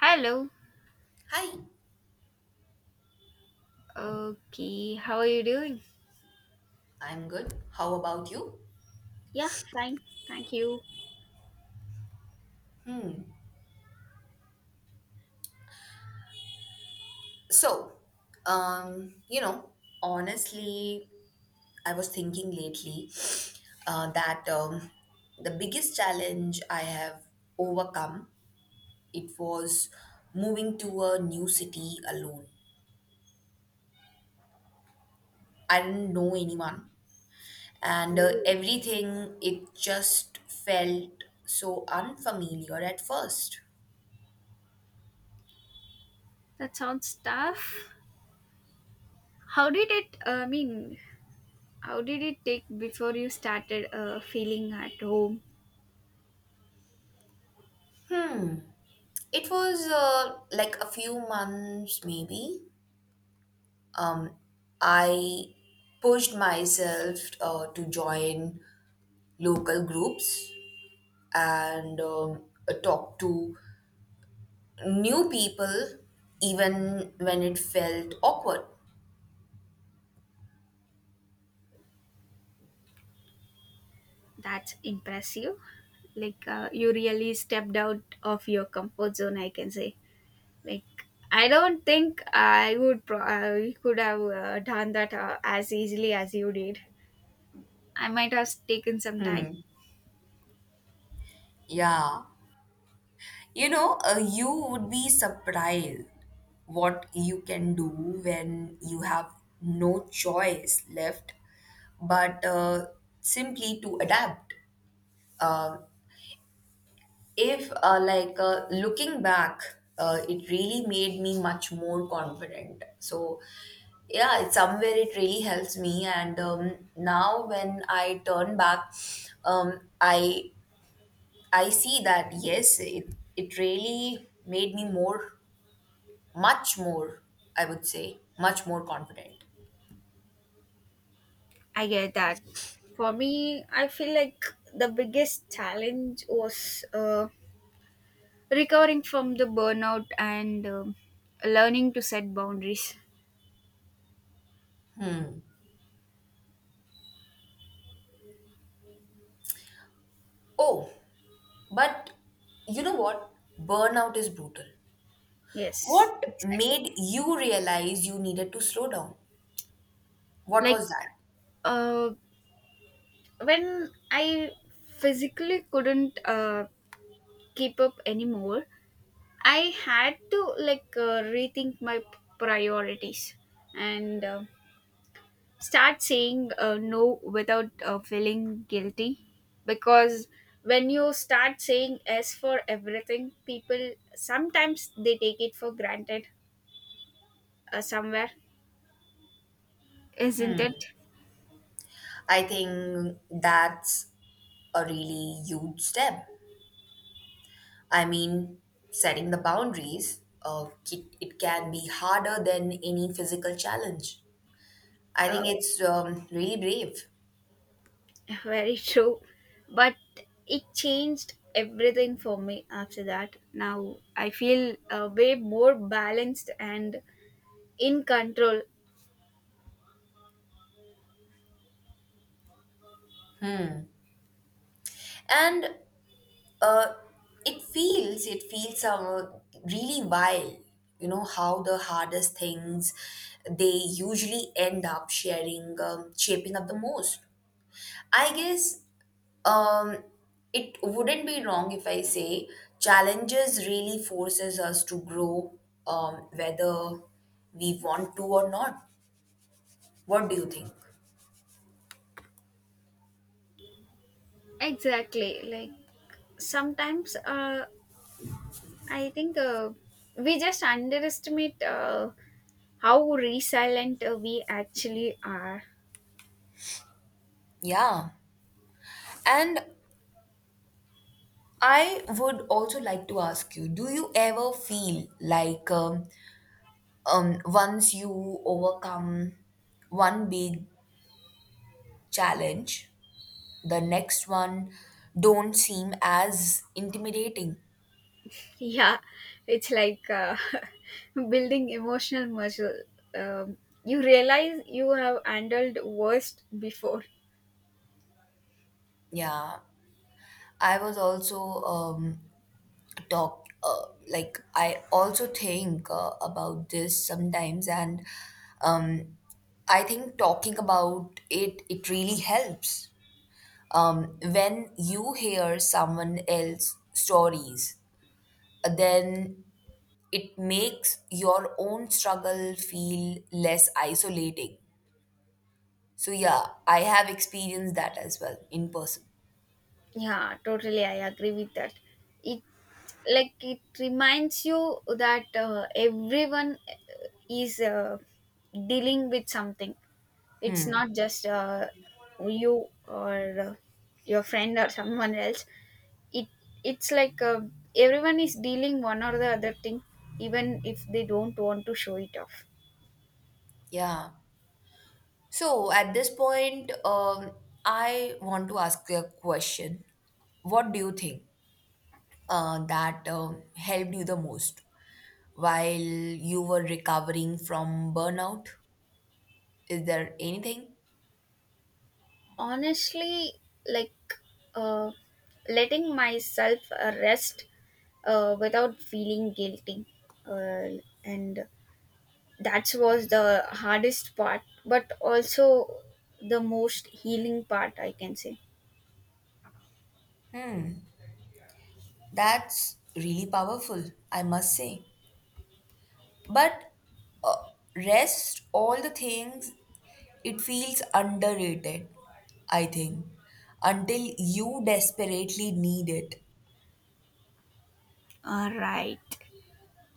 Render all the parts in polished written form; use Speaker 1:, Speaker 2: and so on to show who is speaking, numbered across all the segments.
Speaker 1: Hello.
Speaker 2: Hi,
Speaker 1: Okay, how are you doing?
Speaker 2: I'm good. How about you?
Speaker 1: Yeah, fine. Thank you.
Speaker 2: Hmm. So, um, you know, honestly, I was thinking lately that the biggest challenge I have overcome it was moving to a new city alone. I didn't know anyone, and everything it just felt so unfamiliar at first.
Speaker 1: That sounds tough. How did it, I mean, how did it take before you started feeling at home?
Speaker 2: It was like a few months, maybe, um, I pushed myself to join local groups and talk to new people, even when it felt awkward.
Speaker 1: That's impressive. You really stepped out of your comfort zone, I can say. Like, I don't think I would, I could have done that as easily as you did. I might have taken some time.
Speaker 2: Hmm. Yeah. You would be surprised what you can do when you have no choice left but simply to adapt. Um if like Looking back it really made me much more confident, so yeah, it's somewhere it really helps me, and now when I turn back, um, i I see that yes, it really made me more, much more, I would say much more confident.
Speaker 1: I get that. For me, I feel like the biggest challenge was recovering from the burnout and learning to set boundaries.
Speaker 2: Oh, but you know what? Burnout is brutal.
Speaker 1: Yes,
Speaker 2: What
Speaker 1: exactly.
Speaker 2: made you realize you needed to slow down? What
Speaker 1: Like
Speaker 2: was that?
Speaker 1: uh, when I physically couldn't keep up anymore, I had to rethink my priorities, and start saying no without feeling guilty, because when you start saying yes for everything, people sometimes they take it for granted, somewhere, isn't it?
Speaker 2: I think that's a really huge step. I mean, setting the boundaries, it can be harder than any physical challenge. I
Speaker 1: uh,
Speaker 2: think it's really brave.
Speaker 1: Very true, but it changed everything for me. After that, now I feel way more balanced and in control.
Speaker 2: And uh, it feels really wild, you know, how the hardest things they usually end up sharing, shaping up the most. I guess um, it wouldn't be wrong if I say challenges really forces us to grow, whether we want to or not. What do you think?
Speaker 1: Exactly. Like sometimes, I think we just underestimate how resilient we actually are.
Speaker 2: Yeah. And I would also like to ask you, do you ever feel like once you overcome one big challenge, the next one don't seem as intimidating?
Speaker 1: Yeah, it's like building emotional muscle. Um, you realize you have handled worst before.
Speaker 2: Yeah. I was also um, talk like I also think about this sometimes, and um, I think talking about it really helps. When you hear someone else's stories, then it makes your own struggle feel less isolating. So yeah, I have experienced that as well in person.
Speaker 1: Yeah, totally. I agree with that. It it reminds you that everyone is dealing with something. It's not just you or your friend or someone else. It it's like everyone is dealing one or the other thing, even if they don't want to show it off.
Speaker 2: Yeah. So at this point, I want to ask you a question. What do you think that helped you the most while you were recovering from burnout? Is there anything?
Speaker 1: Honestly, like uh, letting myself rest without feeling guilty, uh, and that was the hardest part, but also the most healing part, I can say.
Speaker 2: That's really powerful, I must say. But rest, all the things, it feels underrated, I think, until you desperately need it.
Speaker 1: All right.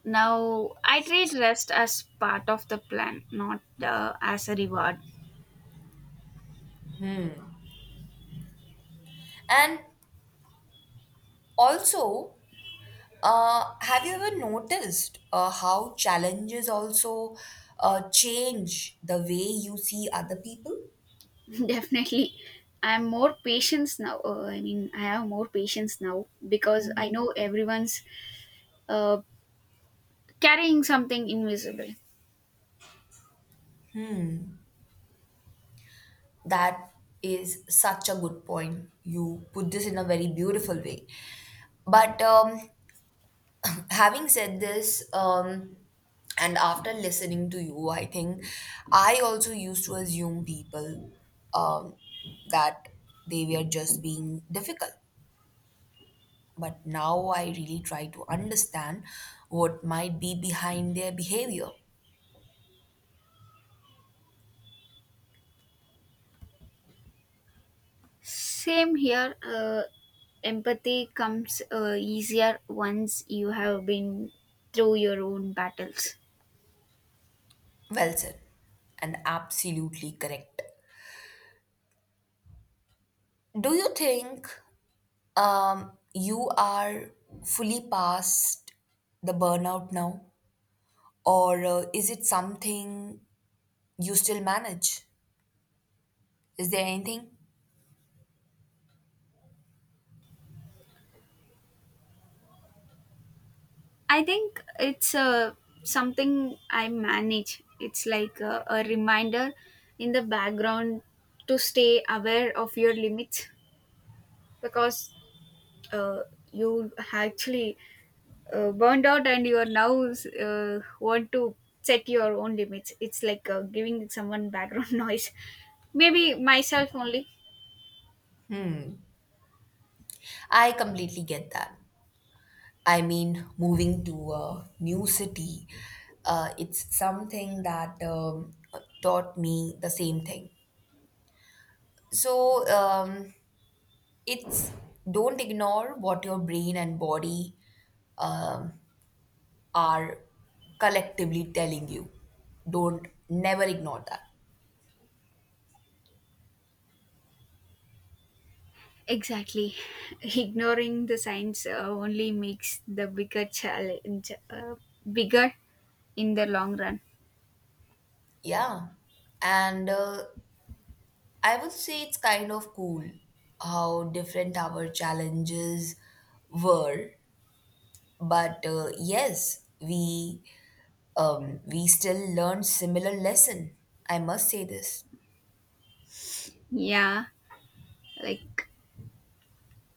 Speaker 1: Now, I treat rest as part of the plan, not as a reward.
Speaker 2: And also, have you ever noticed how challenges also change the way you see other people?
Speaker 1: Definitely. I have more patience now because I know everyone's uh, carrying something invisible.
Speaker 2: That is such a good point. You put this in a very beautiful way. But having said this, and after listening to you, I think I also used to assume people um, that they were just being difficult. But now I really try to understand what might be behind their behavior.
Speaker 1: Same here. Empathy comes easier once you have been through your own battles.
Speaker 2: Well said, and absolutely correct. Do you think you are fully past the burnout now? Or is it something you still manage? Is there anything?
Speaker 1: I think it's something I manage. It's like a reminder in the background to stay aware of your limits, because uh, you actually burned out and you are now want to set your own limits. It's like giving someone background noise. Maybe myself only.
Speaker 2: I completely get that. I mean, moving to a new city, it's something that taught me the same thing. So it's don't ignore what your brain and body um, are collectively telling you. Don't never ignore that.
Speaker 1: Exactly. Ignoring the signs only makes the bigger challenge bigger in the long run.
Speaker 2: Yeah. And I would say it's kind of cool how different our challenges were. But yes, we still learned similar lesson. I must say this.
Speaker 1: Yeah, like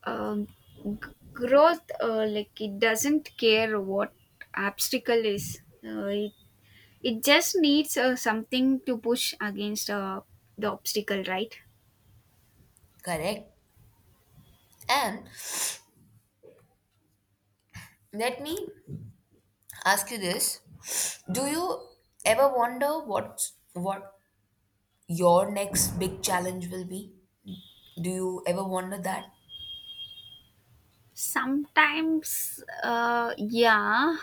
Speaker 1: um, g- growth, like it doesn't care what obstacle is. It just needs something to push against, the obstacle, right?
Speaker 2: Correct. And let me ask you this, do you ever wonder what your next big challenge will be? Do you ever wonder that?
Speaker 1: Sometimes, yeah,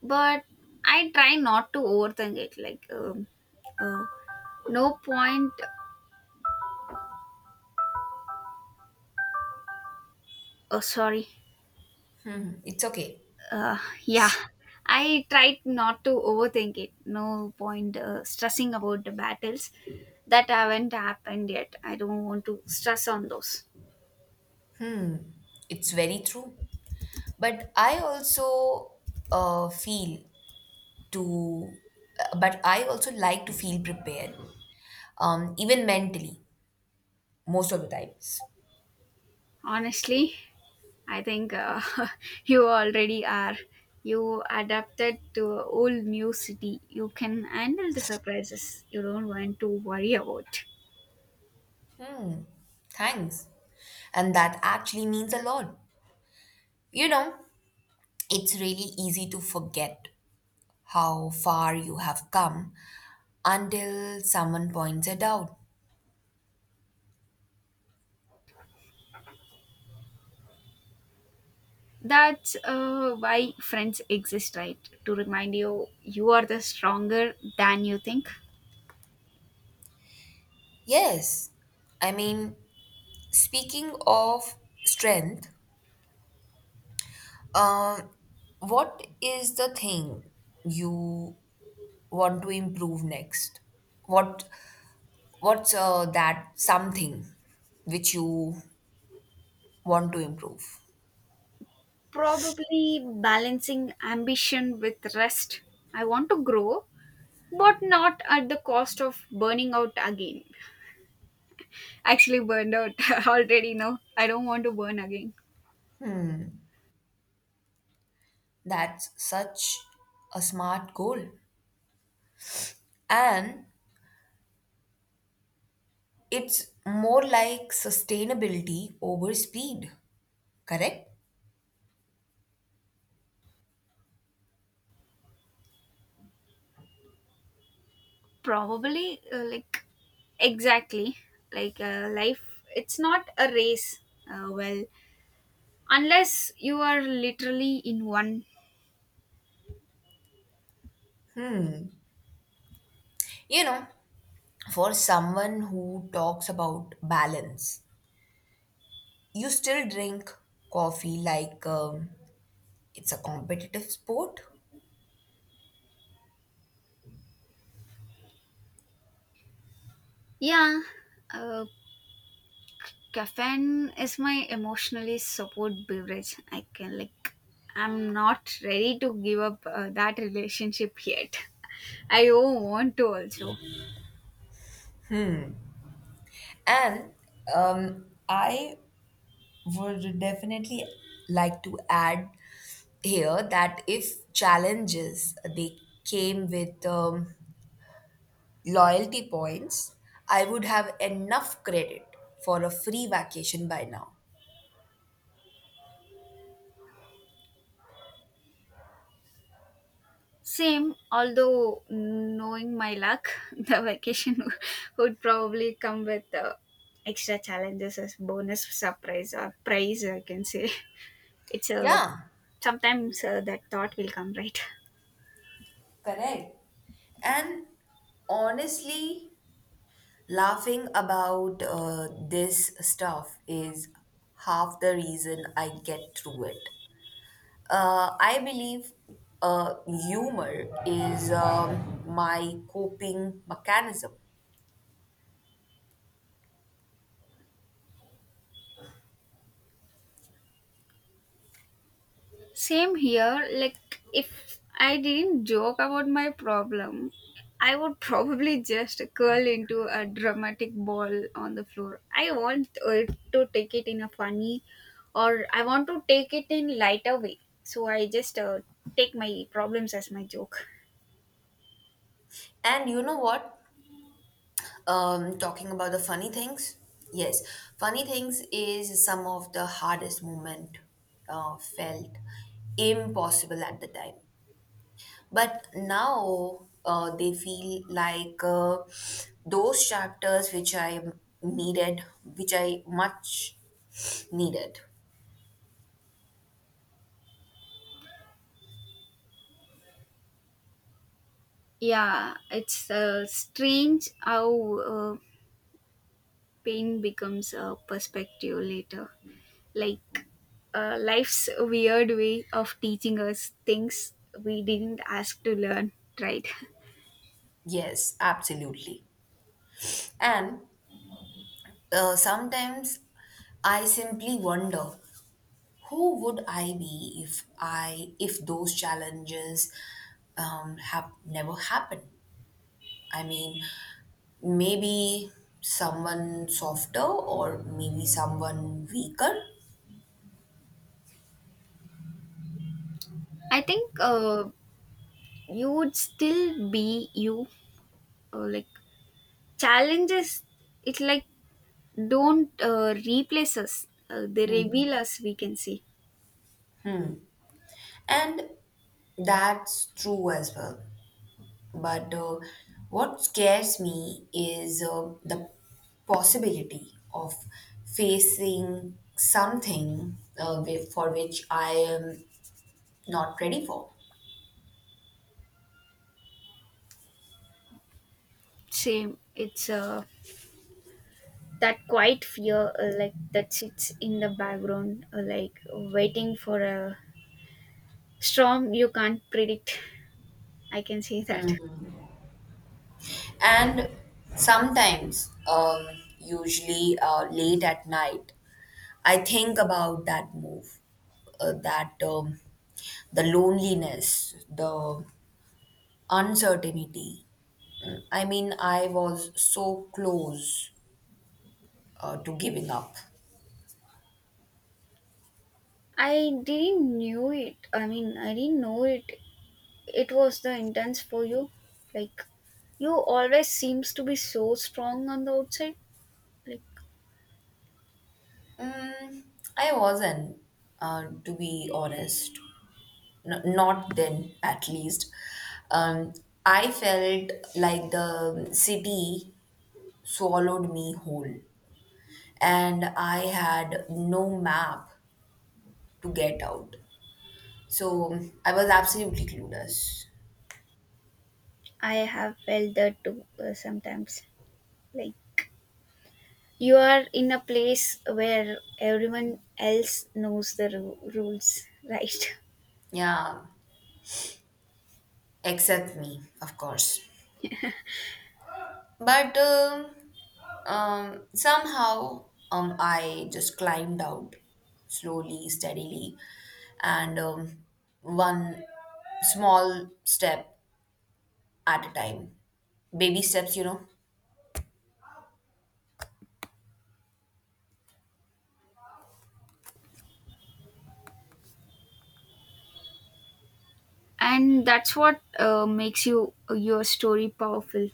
Speaker 1: but I try not to overthink it. Uh, no point. Oh, sorry.
Speaker 2: Hmm, it's okay.
Speaker 1: Uh, yeah, I tried not to overthink it. No point stressing about the battles that haven't happened yet. I don't want to stress on those.
Speaker 2: It's very true, but I also uh, feel to like to feel prepared, even mentally, most of the times.
Speaker 1: Honestly, I think you already are. You adapted to a whole new city. You can handle the surprises. You don't want to worry about.
Speaker 2: Thanks, and that actually means a lot, you know. It's really easy to forget how far you have come until someone points it out.
Speaker 1: That's why friends exist, right? To remind you, you are the stronger than you think.
Speaker 2: Yes, I mean, speaking of strength, uh, what is the thing you want to improve next? What what's that something which you want to improve?
Speaker 1: Probably balancing ambition with rest. I want to grow, but not at the cost of burning out again. Actually, burned out already. No, I don't want to burn again.
Speaker 2: That's such a smart goal, and it's more like sustainability over speed. Correct?
Speaker 1: Probably, like, exactly. Like, life, it's not a race. Well, unless you are literally in one.
Speaker 2: You know, for someone who talks about balance, you still drink coffee like it's a competitive sport.
Speaker 1: Yeah, uh, caffeine is my emotionally support beverage. I can, I'm not ready to give up that relationship yet. I don't want to also.
Speaker 2: And I would definitely like to add here that if challenges they came with loyalty points, I would have enough credit for a free vacation by now.
Speaker 1: Same, although knowing my luck, the vacation would probably come with extra challenges as bonus surprise or prize. I can say it's a
Speaker 2: Yeah,
Speaker 1: sometimes that thought will come, right?
Speaker 2: correct. And honestly, laughing about this stuff is half the reason I get through it. I believe uh, humor is my coping mechanism.
Speaker 1: Same here. Like, if I didn't joke about my problem, I would probably just curl into a dramatic ball on the floor. I want to take it in a funny, or I want to take it in lighter way. So I just take my problems as my joke.
Speaker 2: And you know what? Talking about the funny things, yes, funny things is some of the hardest moment felt impossible at the time. But now they feel like those chapters which I needed, which I much needed.
Speaker 1: Yeah, it's strange how pain becomes a perspective later. Like life's weird way of teaching us things we didn't ask to learn, right?
Speaker 2: Yes, absolutely. And sometimes I simply wonder who would I be if those challenges have never happened. I mean, maybe someone softer, or maybe someone weaker.
Speaker 1: I think you would still be you. Like challenges, it don't replace us. They reveal us. We can see.
Speaker 2: And that's true as well. But what scares me is the possibility of facing something for which I am not ready for.
Speaker 1: Same. It's that quiet fear, like that sits in the background, like waiting for a storm you can't predict. I can say that.
Speaker 2: And sometimes, usually late at night, I think about that move, that the loneliness, the uncertainty. Mm, I mean, I was so close to giving up.
Speaker 1: I didn't know it. It was the intense for you. Like, you always seems to be so strong on the outside. Like,
Speaker 2: Mm, I wasn't, to be honest. Not then, at least. Um, I felt like the city swallowed me whole, and I had no map to get out. So I was absolutely clueless.
Speaker 1: I have felt that too sometimes. Like, you are in a place where everyone else knows the rules, right?
Speaker 2: Yeah, except me, of course. But somehow, I just climbed out slowly, steadily, and one small step at a time. Baby steps, you know?
Speaker 1: And that's what makes you your story powerful.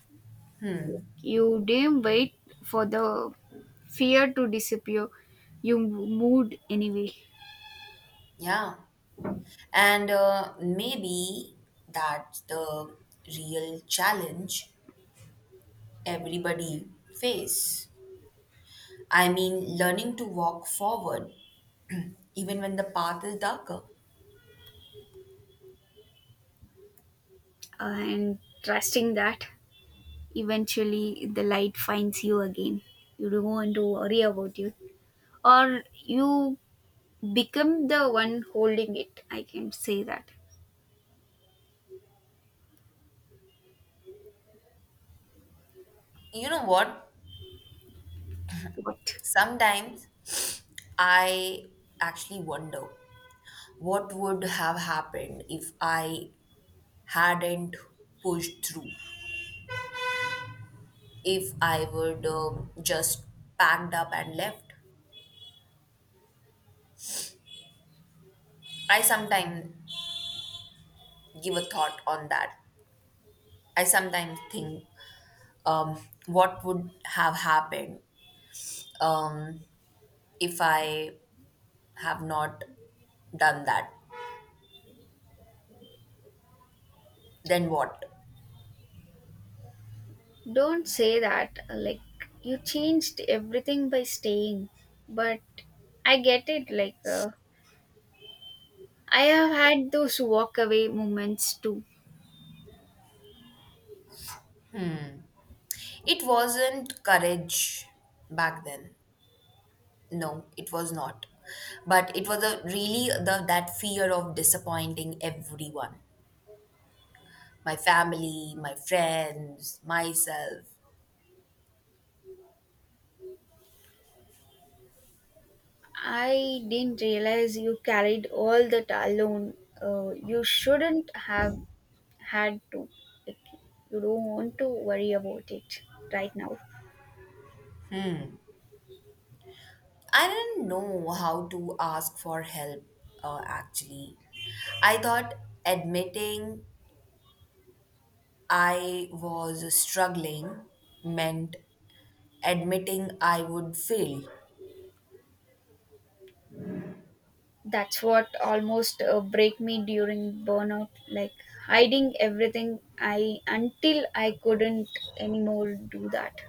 Speaker 1: You didn't wait for the fear to disappear. You moved anyway.
Speaker 2: Yeah. And maybe that's the real challenge everybody face. I mean, learning to walk forward even when the path is darker.
Speaker 1: And trusting that eventually the light finds you again. You don't want to worry about you. Or you become the one holding it. I can say that.
Speaker 2: You know what?
Speaker 1: What?
Speaker 2: Sometimes I actually wonder what would have happened if I hadn't pushed through, if I would just packed up and left. I sometimes give a thought on that. I sometimes think um, what would have happened um, if I have not done that. Then what?
Speaker 1: Don't say that. Like, you changed everything by staying. But I get it. Like, I have had those walk away moments too.
Speaker 2: It wasn't courage back then. No, it was not. But it was a really the that fear of disappointing everyone. My family, my friends, myself.
Speaker 1: I didn't realize you carried all that alone. You shouldn't have had to. Like, you don't want to worry about it right now.
Speaker 2: I didn't know how to ask for help, actually. I thought admitting I was struggling meant admitting I would fail.
Speaker 1: That's what almost break me during burnout. Like hiding everything, I until I couldn't anymore do that.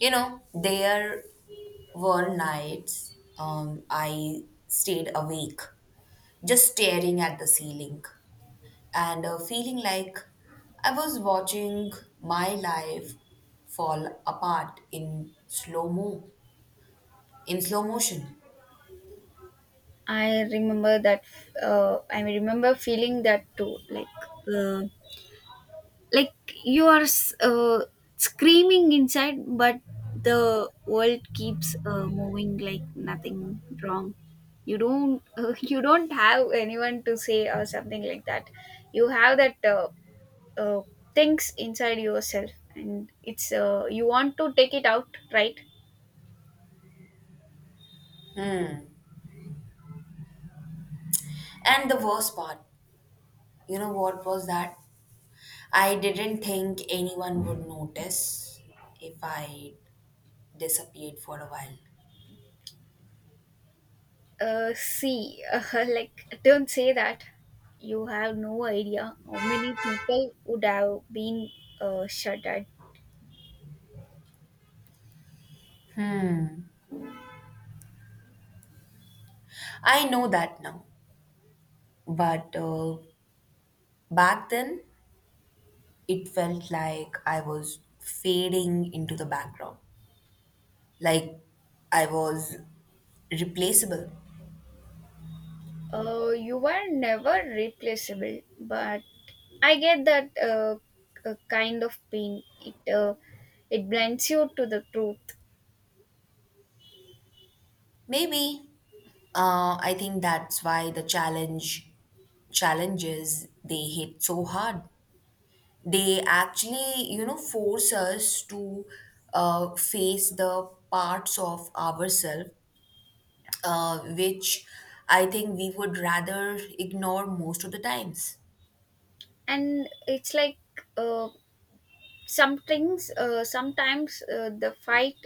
Speaker 2: You know, there were nights I stayed awake, just staring at the ceiling and feeling like I was watching my life fall apart in slow motion.
Speaker 1: I remember that. I remember feeling that too. Uh, like you are uh, screaming inside, but the world keeps moving like nothing wrong. You don't you don't have anyone to say or something like that. You have that uh, things inside yourself, and it's you want to take it out, right?
Speaker 2: And the worst part, you know what was that? I didn't think anyone would notice if I disappeared for a while.
Speaker 1: See, like don't say that, you have no idea how many people would have been shut at.
Speaker 2: I know that now, but back then it felt like I was fading into the background, like I was replaceable.
Speaker 1: You are never replaceable, but I get that kind of pain. It blinds you to the truth,
Speaker 2: Maybe. I think that's why the challenges they hit so hard. They actually, you know, force us to face the parts of ourselves which I think we would rather ignore most of the times.
Speaker 1: and it's like uh, some things. Sometimes the fight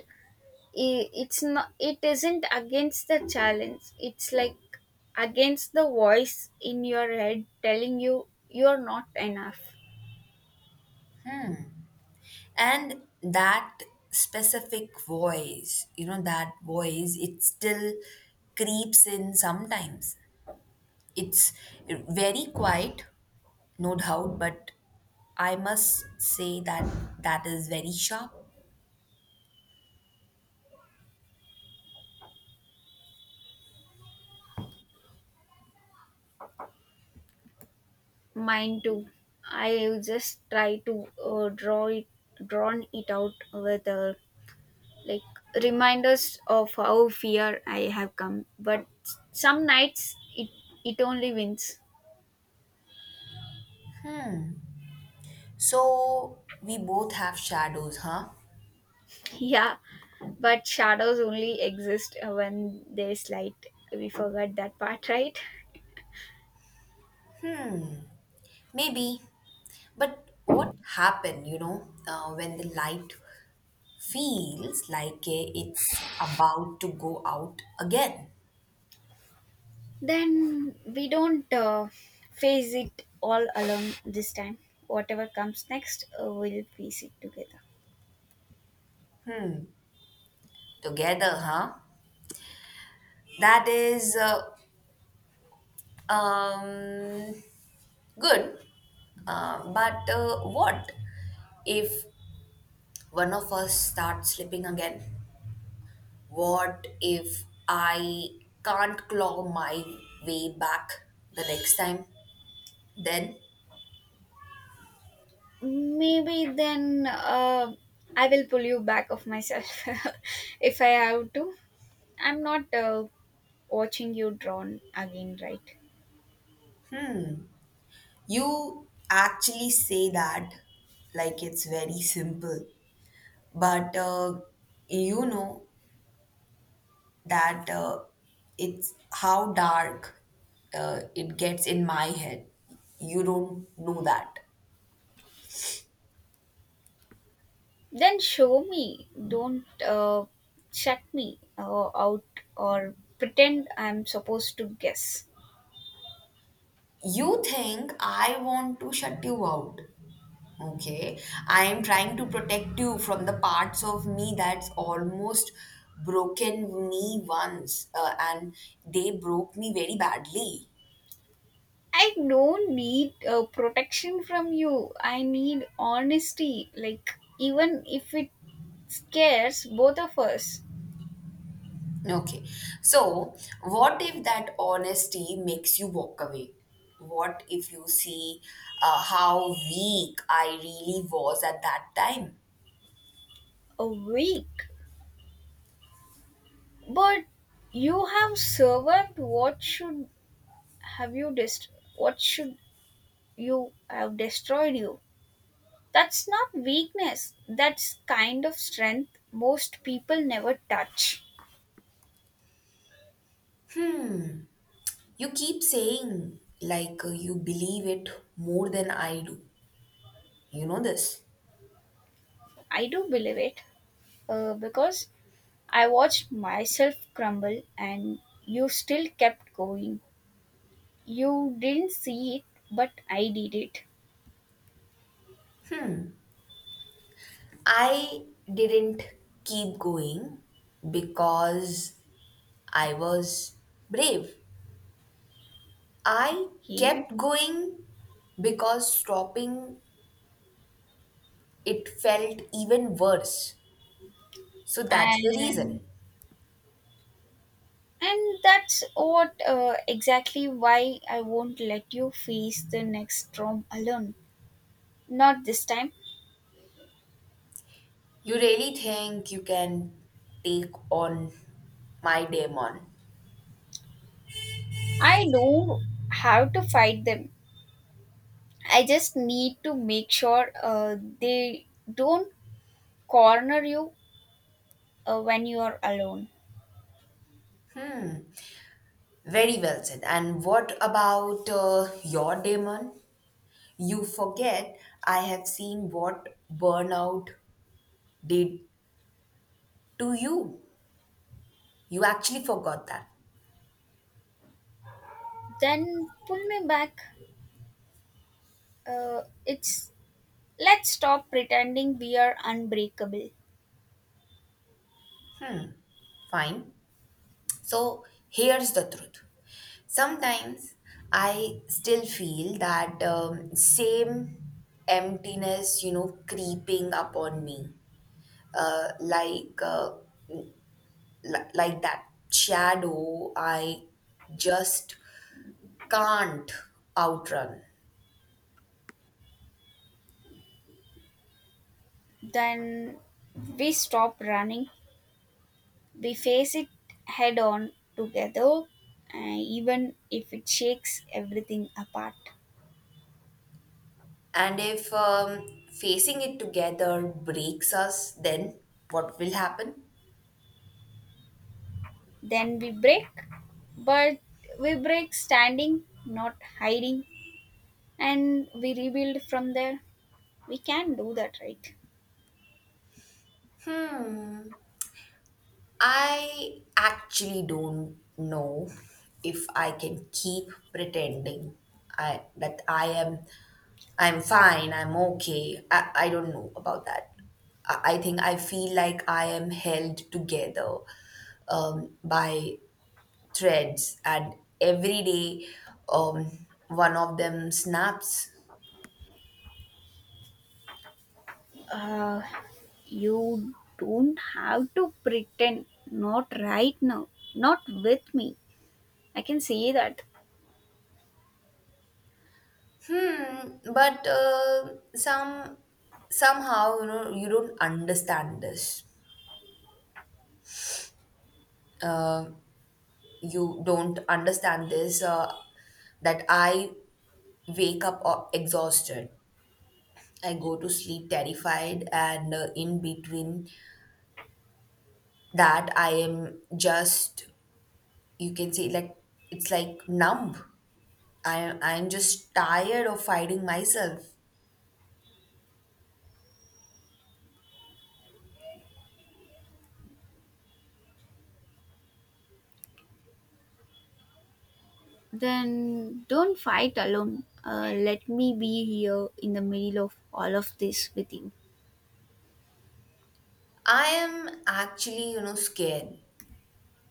Speaker 1: it's not. It isn't against the challenge. It's like against the voice in your head telling you you are not enough.
Speaker 2: And that specific voice, you know, that voice, it still creeps in sometimes. It's very quiet, no doubt, but I must say that that is very sharp.
Speaker 1: Mine too. I just try to drawn it out with like reminders of how fear I have come. But some nights it only wins.
Speaker 2: So we both have shadows, huh?
Speaker 1: Yeah, but shadows only exist when there's light. We forgot that part, right?
Speaker 2: Maybe. But what happened, you know, when the light feels like it's about to go out again?
Speaker 1: Then we don't face it all alone this time. Whatever comes next, we'll face it together.
Speaker 2: Together, huh? That is um, good. But what if one of us starts slipping again? What if I can't claw my way back the next time? Then
Speaker 1: Maybe then, I will pull you back of myself, if I have to. I'm not watching you drawn again, right?
Speaker 2: you actually say that like it's very simple, but you know that it's how dark it gets in my head. You don't know that.
Speaker 1: Then show me, don't shut me out or pretend I'm supposed to guess.
Speaker 2: You think I want to shut you out? Okay. I am trying to protect you from the parts of me that's almost broken me once, and they broke me very badly.
Speaker 1: I don't need protection from you, I need honesty, like even if it scares both of us.
Speaker 2: Okay. So, what if that honesty makes you walk away? What if you see how weak I really was at that time?
Speaker 1: A week. But you have survived. Have you dest- What should you have destroyed you? That's not weakness. That's kind of strength most people never touch.
Speaker 2: You keep saying, like, you believe it more than I do. You know this.
Speaker 1: I do believe it because I watched myself crumble, and you still kept going. You didn't see it, but I did it.
Speaker 2: I didn't keep going because I was brave. I
Speaker 1: He
Speaker 2: kept going because stopping it felt even worse. So that's the
Speaker 1: and
Speaker 2: reason.
Speaker 1: and that's what exactly why I won't let you face the next storm alone. Not this time.
Speaker 2: You really think you can take on my demon?
Speaker 1: I don't have to fight them. I just need to make sure they don't corner you when you are alone.
Speaker 2: Very well said. And what about your demon? You forget I have seen what burnout did to you. You actually forgot that.
Speaker 1: Then pull me back. It's Let's stop pretending we are unbreakable.
Speaker 2: Fine. So here's the truth. Sometimes I still feel that same emptiness, you know, creeping upon me, uh, like uh, like that shadow I just can't outrun.
Speaker 1: Then we stop running. We face it head on together, even if it shakes everything apart.
Speaker 2: And if facing it together breaks us, then what will happen?
Speaker 1: Then we break, but we break standing, not hiding, and we rebuild from there. We can do that, right?
Speaker 2: I actually don't know if I can keep pretending I that I am I'm fine, I'm okay. I don't know about that. I think I feel like I am held together by threads, and every day one of them snaps.
Speaker 1: Uh, you don't have to pretend, not right now, not with me. I can say that.
Speaker 2: Hmm, but somehow, you know, you don't understand this. Uh, you don't understand this, that I wake up exhausted. I go to sleep terrified, and in between that, I am just, you can say, like it's like numb. I'm just tired of fighting myself.
Speaker 1: Then don't fight alone. Let me be here in the middle of all of this with you.
Speaker 2: I am actually, you know, scared,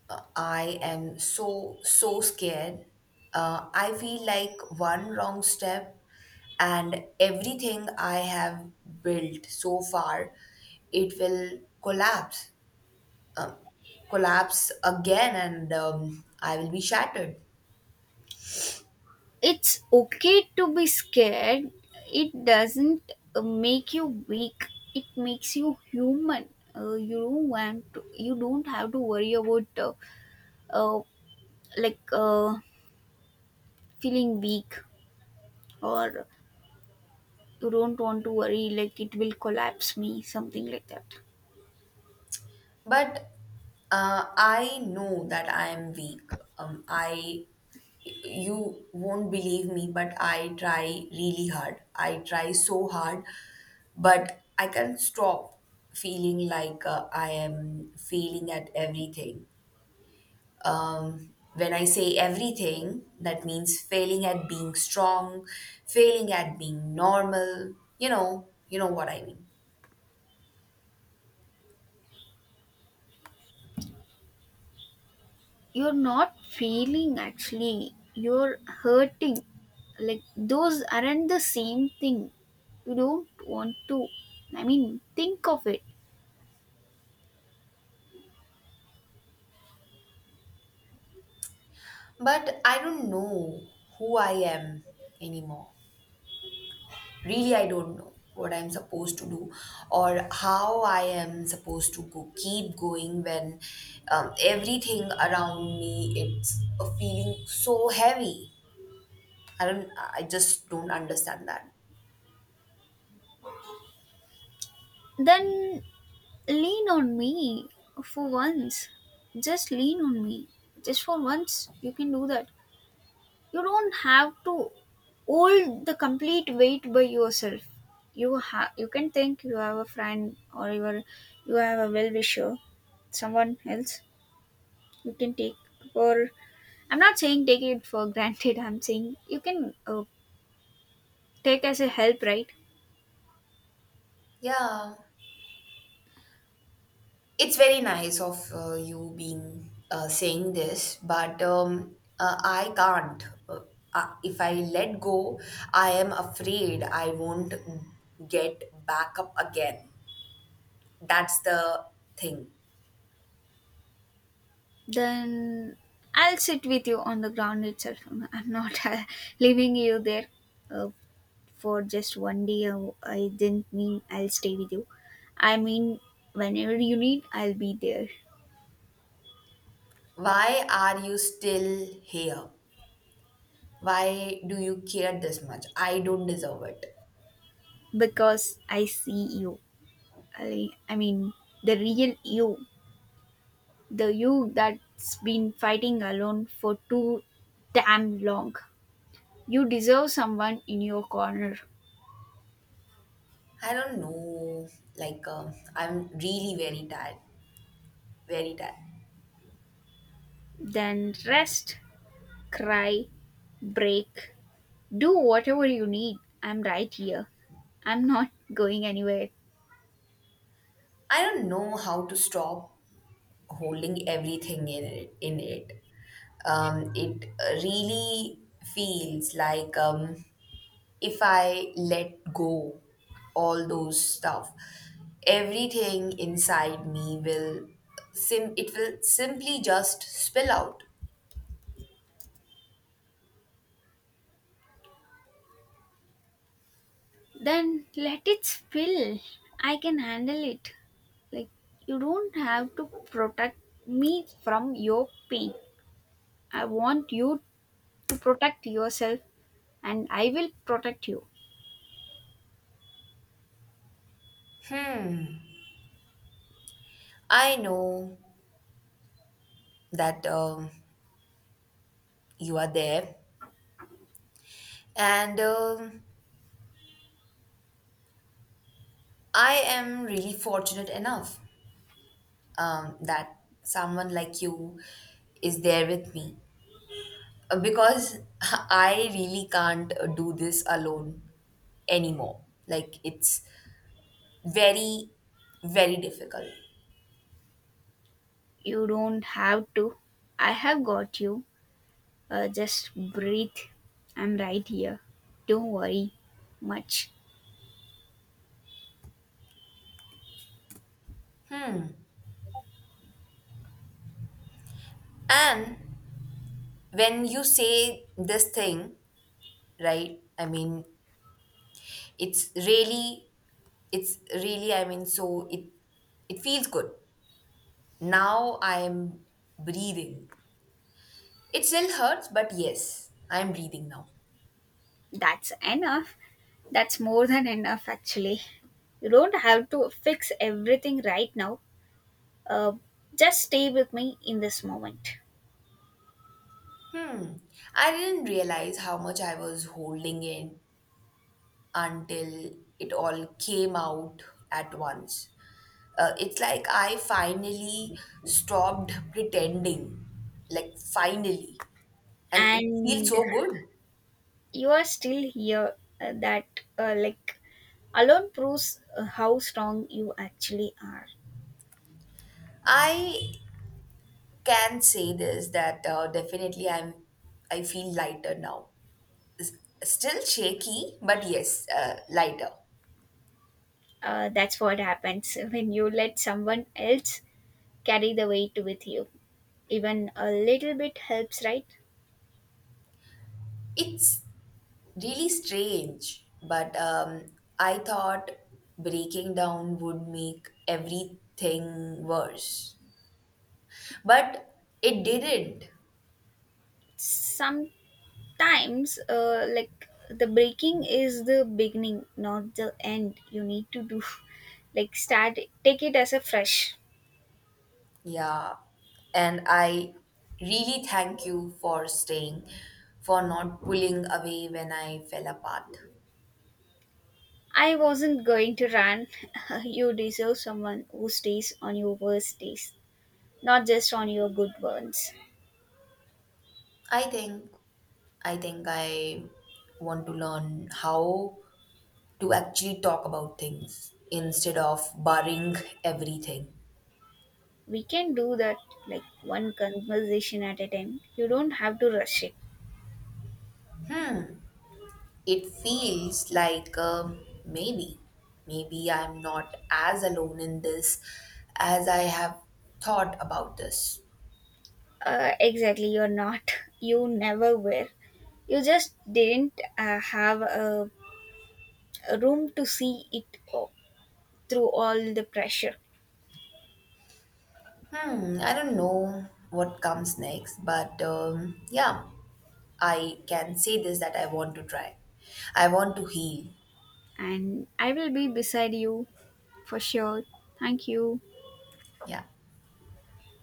Speaker 2: I am so, so scared. I feel like one wrong step and everything I have built so far, it will collapse again, and I will be shattered.
Speaker 1: It's okay to be scared. It doesn't make you weak. It makes you human. You don't have to worry about uh, like uh, feeling weak, or you don't want to worry like it will collapse me something like that.
Speaker 2: But I know that I am weak. I, you won't believe me, but I try really hard. I try so hard, but I can't stop feeling like I am failing at everything. When I say everything, that means failing at being strong, failing at being normal. You know what I mean.
Speaker 1: You're not feeling actually. You're hurting. Like those aren't the same thing. You don't want to. I mean, think of it.
Speaker 2: But I don't know who I am anymore. Really, I don't know what I'm supposed to do, or how I am supposed to go keep going when everything around me, it's a feeling so heavy. I don't i just don't understand that.
Speaker 1: Then lean on me for once. Just lean on me. Just for once, you can do that. You don't have to hold the complete weight by yourself. You have, you can think you have a friend or you are, you have a well wisher, someone else you can take for. I'm not saying take it for granted. I'm saying you can take as a help, right?
Speaker 2: Yeah, it's very nice of you being saying this, but I can't if I let go, I am afraid I won't get back up again. That's the thing.
Speaker 1: Then I'll sit with you on the ground itself. I'm not leaving you there uh, for just one day. I didn't mean I'll stay with you. I mean, whenever you need, I'll be there.
Speaker 2: Why are you still here? Why do you care this much? I don't deserve it.
Speaker 1: Because I see you. I mean, the real you, the you that's been fighting alone for too damn long. You deserve someone in your corner.
Speaker 2: I don't know. Like, I'm really very tired. Very tired.
Speaker 1: Then rest, cry, break, do whatever you need. I'm right here. I'm not going anywhere.
Speaker 2: I don't know how to stop holding everything in it, it really feels like if I let go all those stuff, everything inside me will sim it will simply just spill out.
Speaker 1: Then let it spill. I can handle it. Like, you don't have to protect me from your pain. I want you to protect yourself, and I will protect you.
Speaker 2: I know that you are there, and I am really fortunate enough that someone like you is there with me. Because I really can't do this alone anymore. Like, it's very, very difficult.
Speaker 1: You don't have to. I have got you. Just breathe. I'm right here. Don't worry much.
Speaker 2: And when you say this thing, right? I mean, it's really, it's really, I mean, so it feels good. Now I am breathing. It still hurts, but yes, I am breathing now.
Speaker 1: That's enough. That's more than enough, actually. You don't have to fix everything right now. Uh, just stay with me in this moment.
Speaker 2: Hmm. I didn't realize how much I was holding in until it all came out at once. It's like I finally stopped pretending. Like, finally. And it feels
Speaker 1: And
Speaker 2: so good.
Speaker 1: you are still here. Like, alone proves how strong you actually are.
Speaker 2: I can say this that definitely I feel lighter now. S- Still shaky, but yes, lighter.
Speaker 1: That's what happens when you let someone else carry the weight with you. Even a little bit helps, right?
Speaker 2: It's really strange, but I thought breaking down would make everything worse, but it didn't.
Speaker 1: Sometimes, like the breaking is the beginning, not the end. You need to do like take it as a fresh.
Speaker 2: Yeah, and I really thank you for staying, for not pulling away when I fell apart.
Speaker 1: I wasn't going to run. You deserve someone who stays on your worst days, not just on your good ones.
Speaker 2: I think I think I want to learn how to actually talk about things instead of barring everything.
Speaker 1: We can do that, like one conversation at a time. You don't have to rush it.
Speaker 2: It feels like maybe I'm not as alone in this as I have thought about this.
Speaker 1: Exactly, you're not, you never were. You just didn't have a room to see it through all the pressure.
Speaker 2: Hmm, I don't know what comes next, but yeah, I can say this that I want to try. I want to heal.
Speaker 1: And I will be beside you for sure. Thank you.
Speaker 2: Yeah.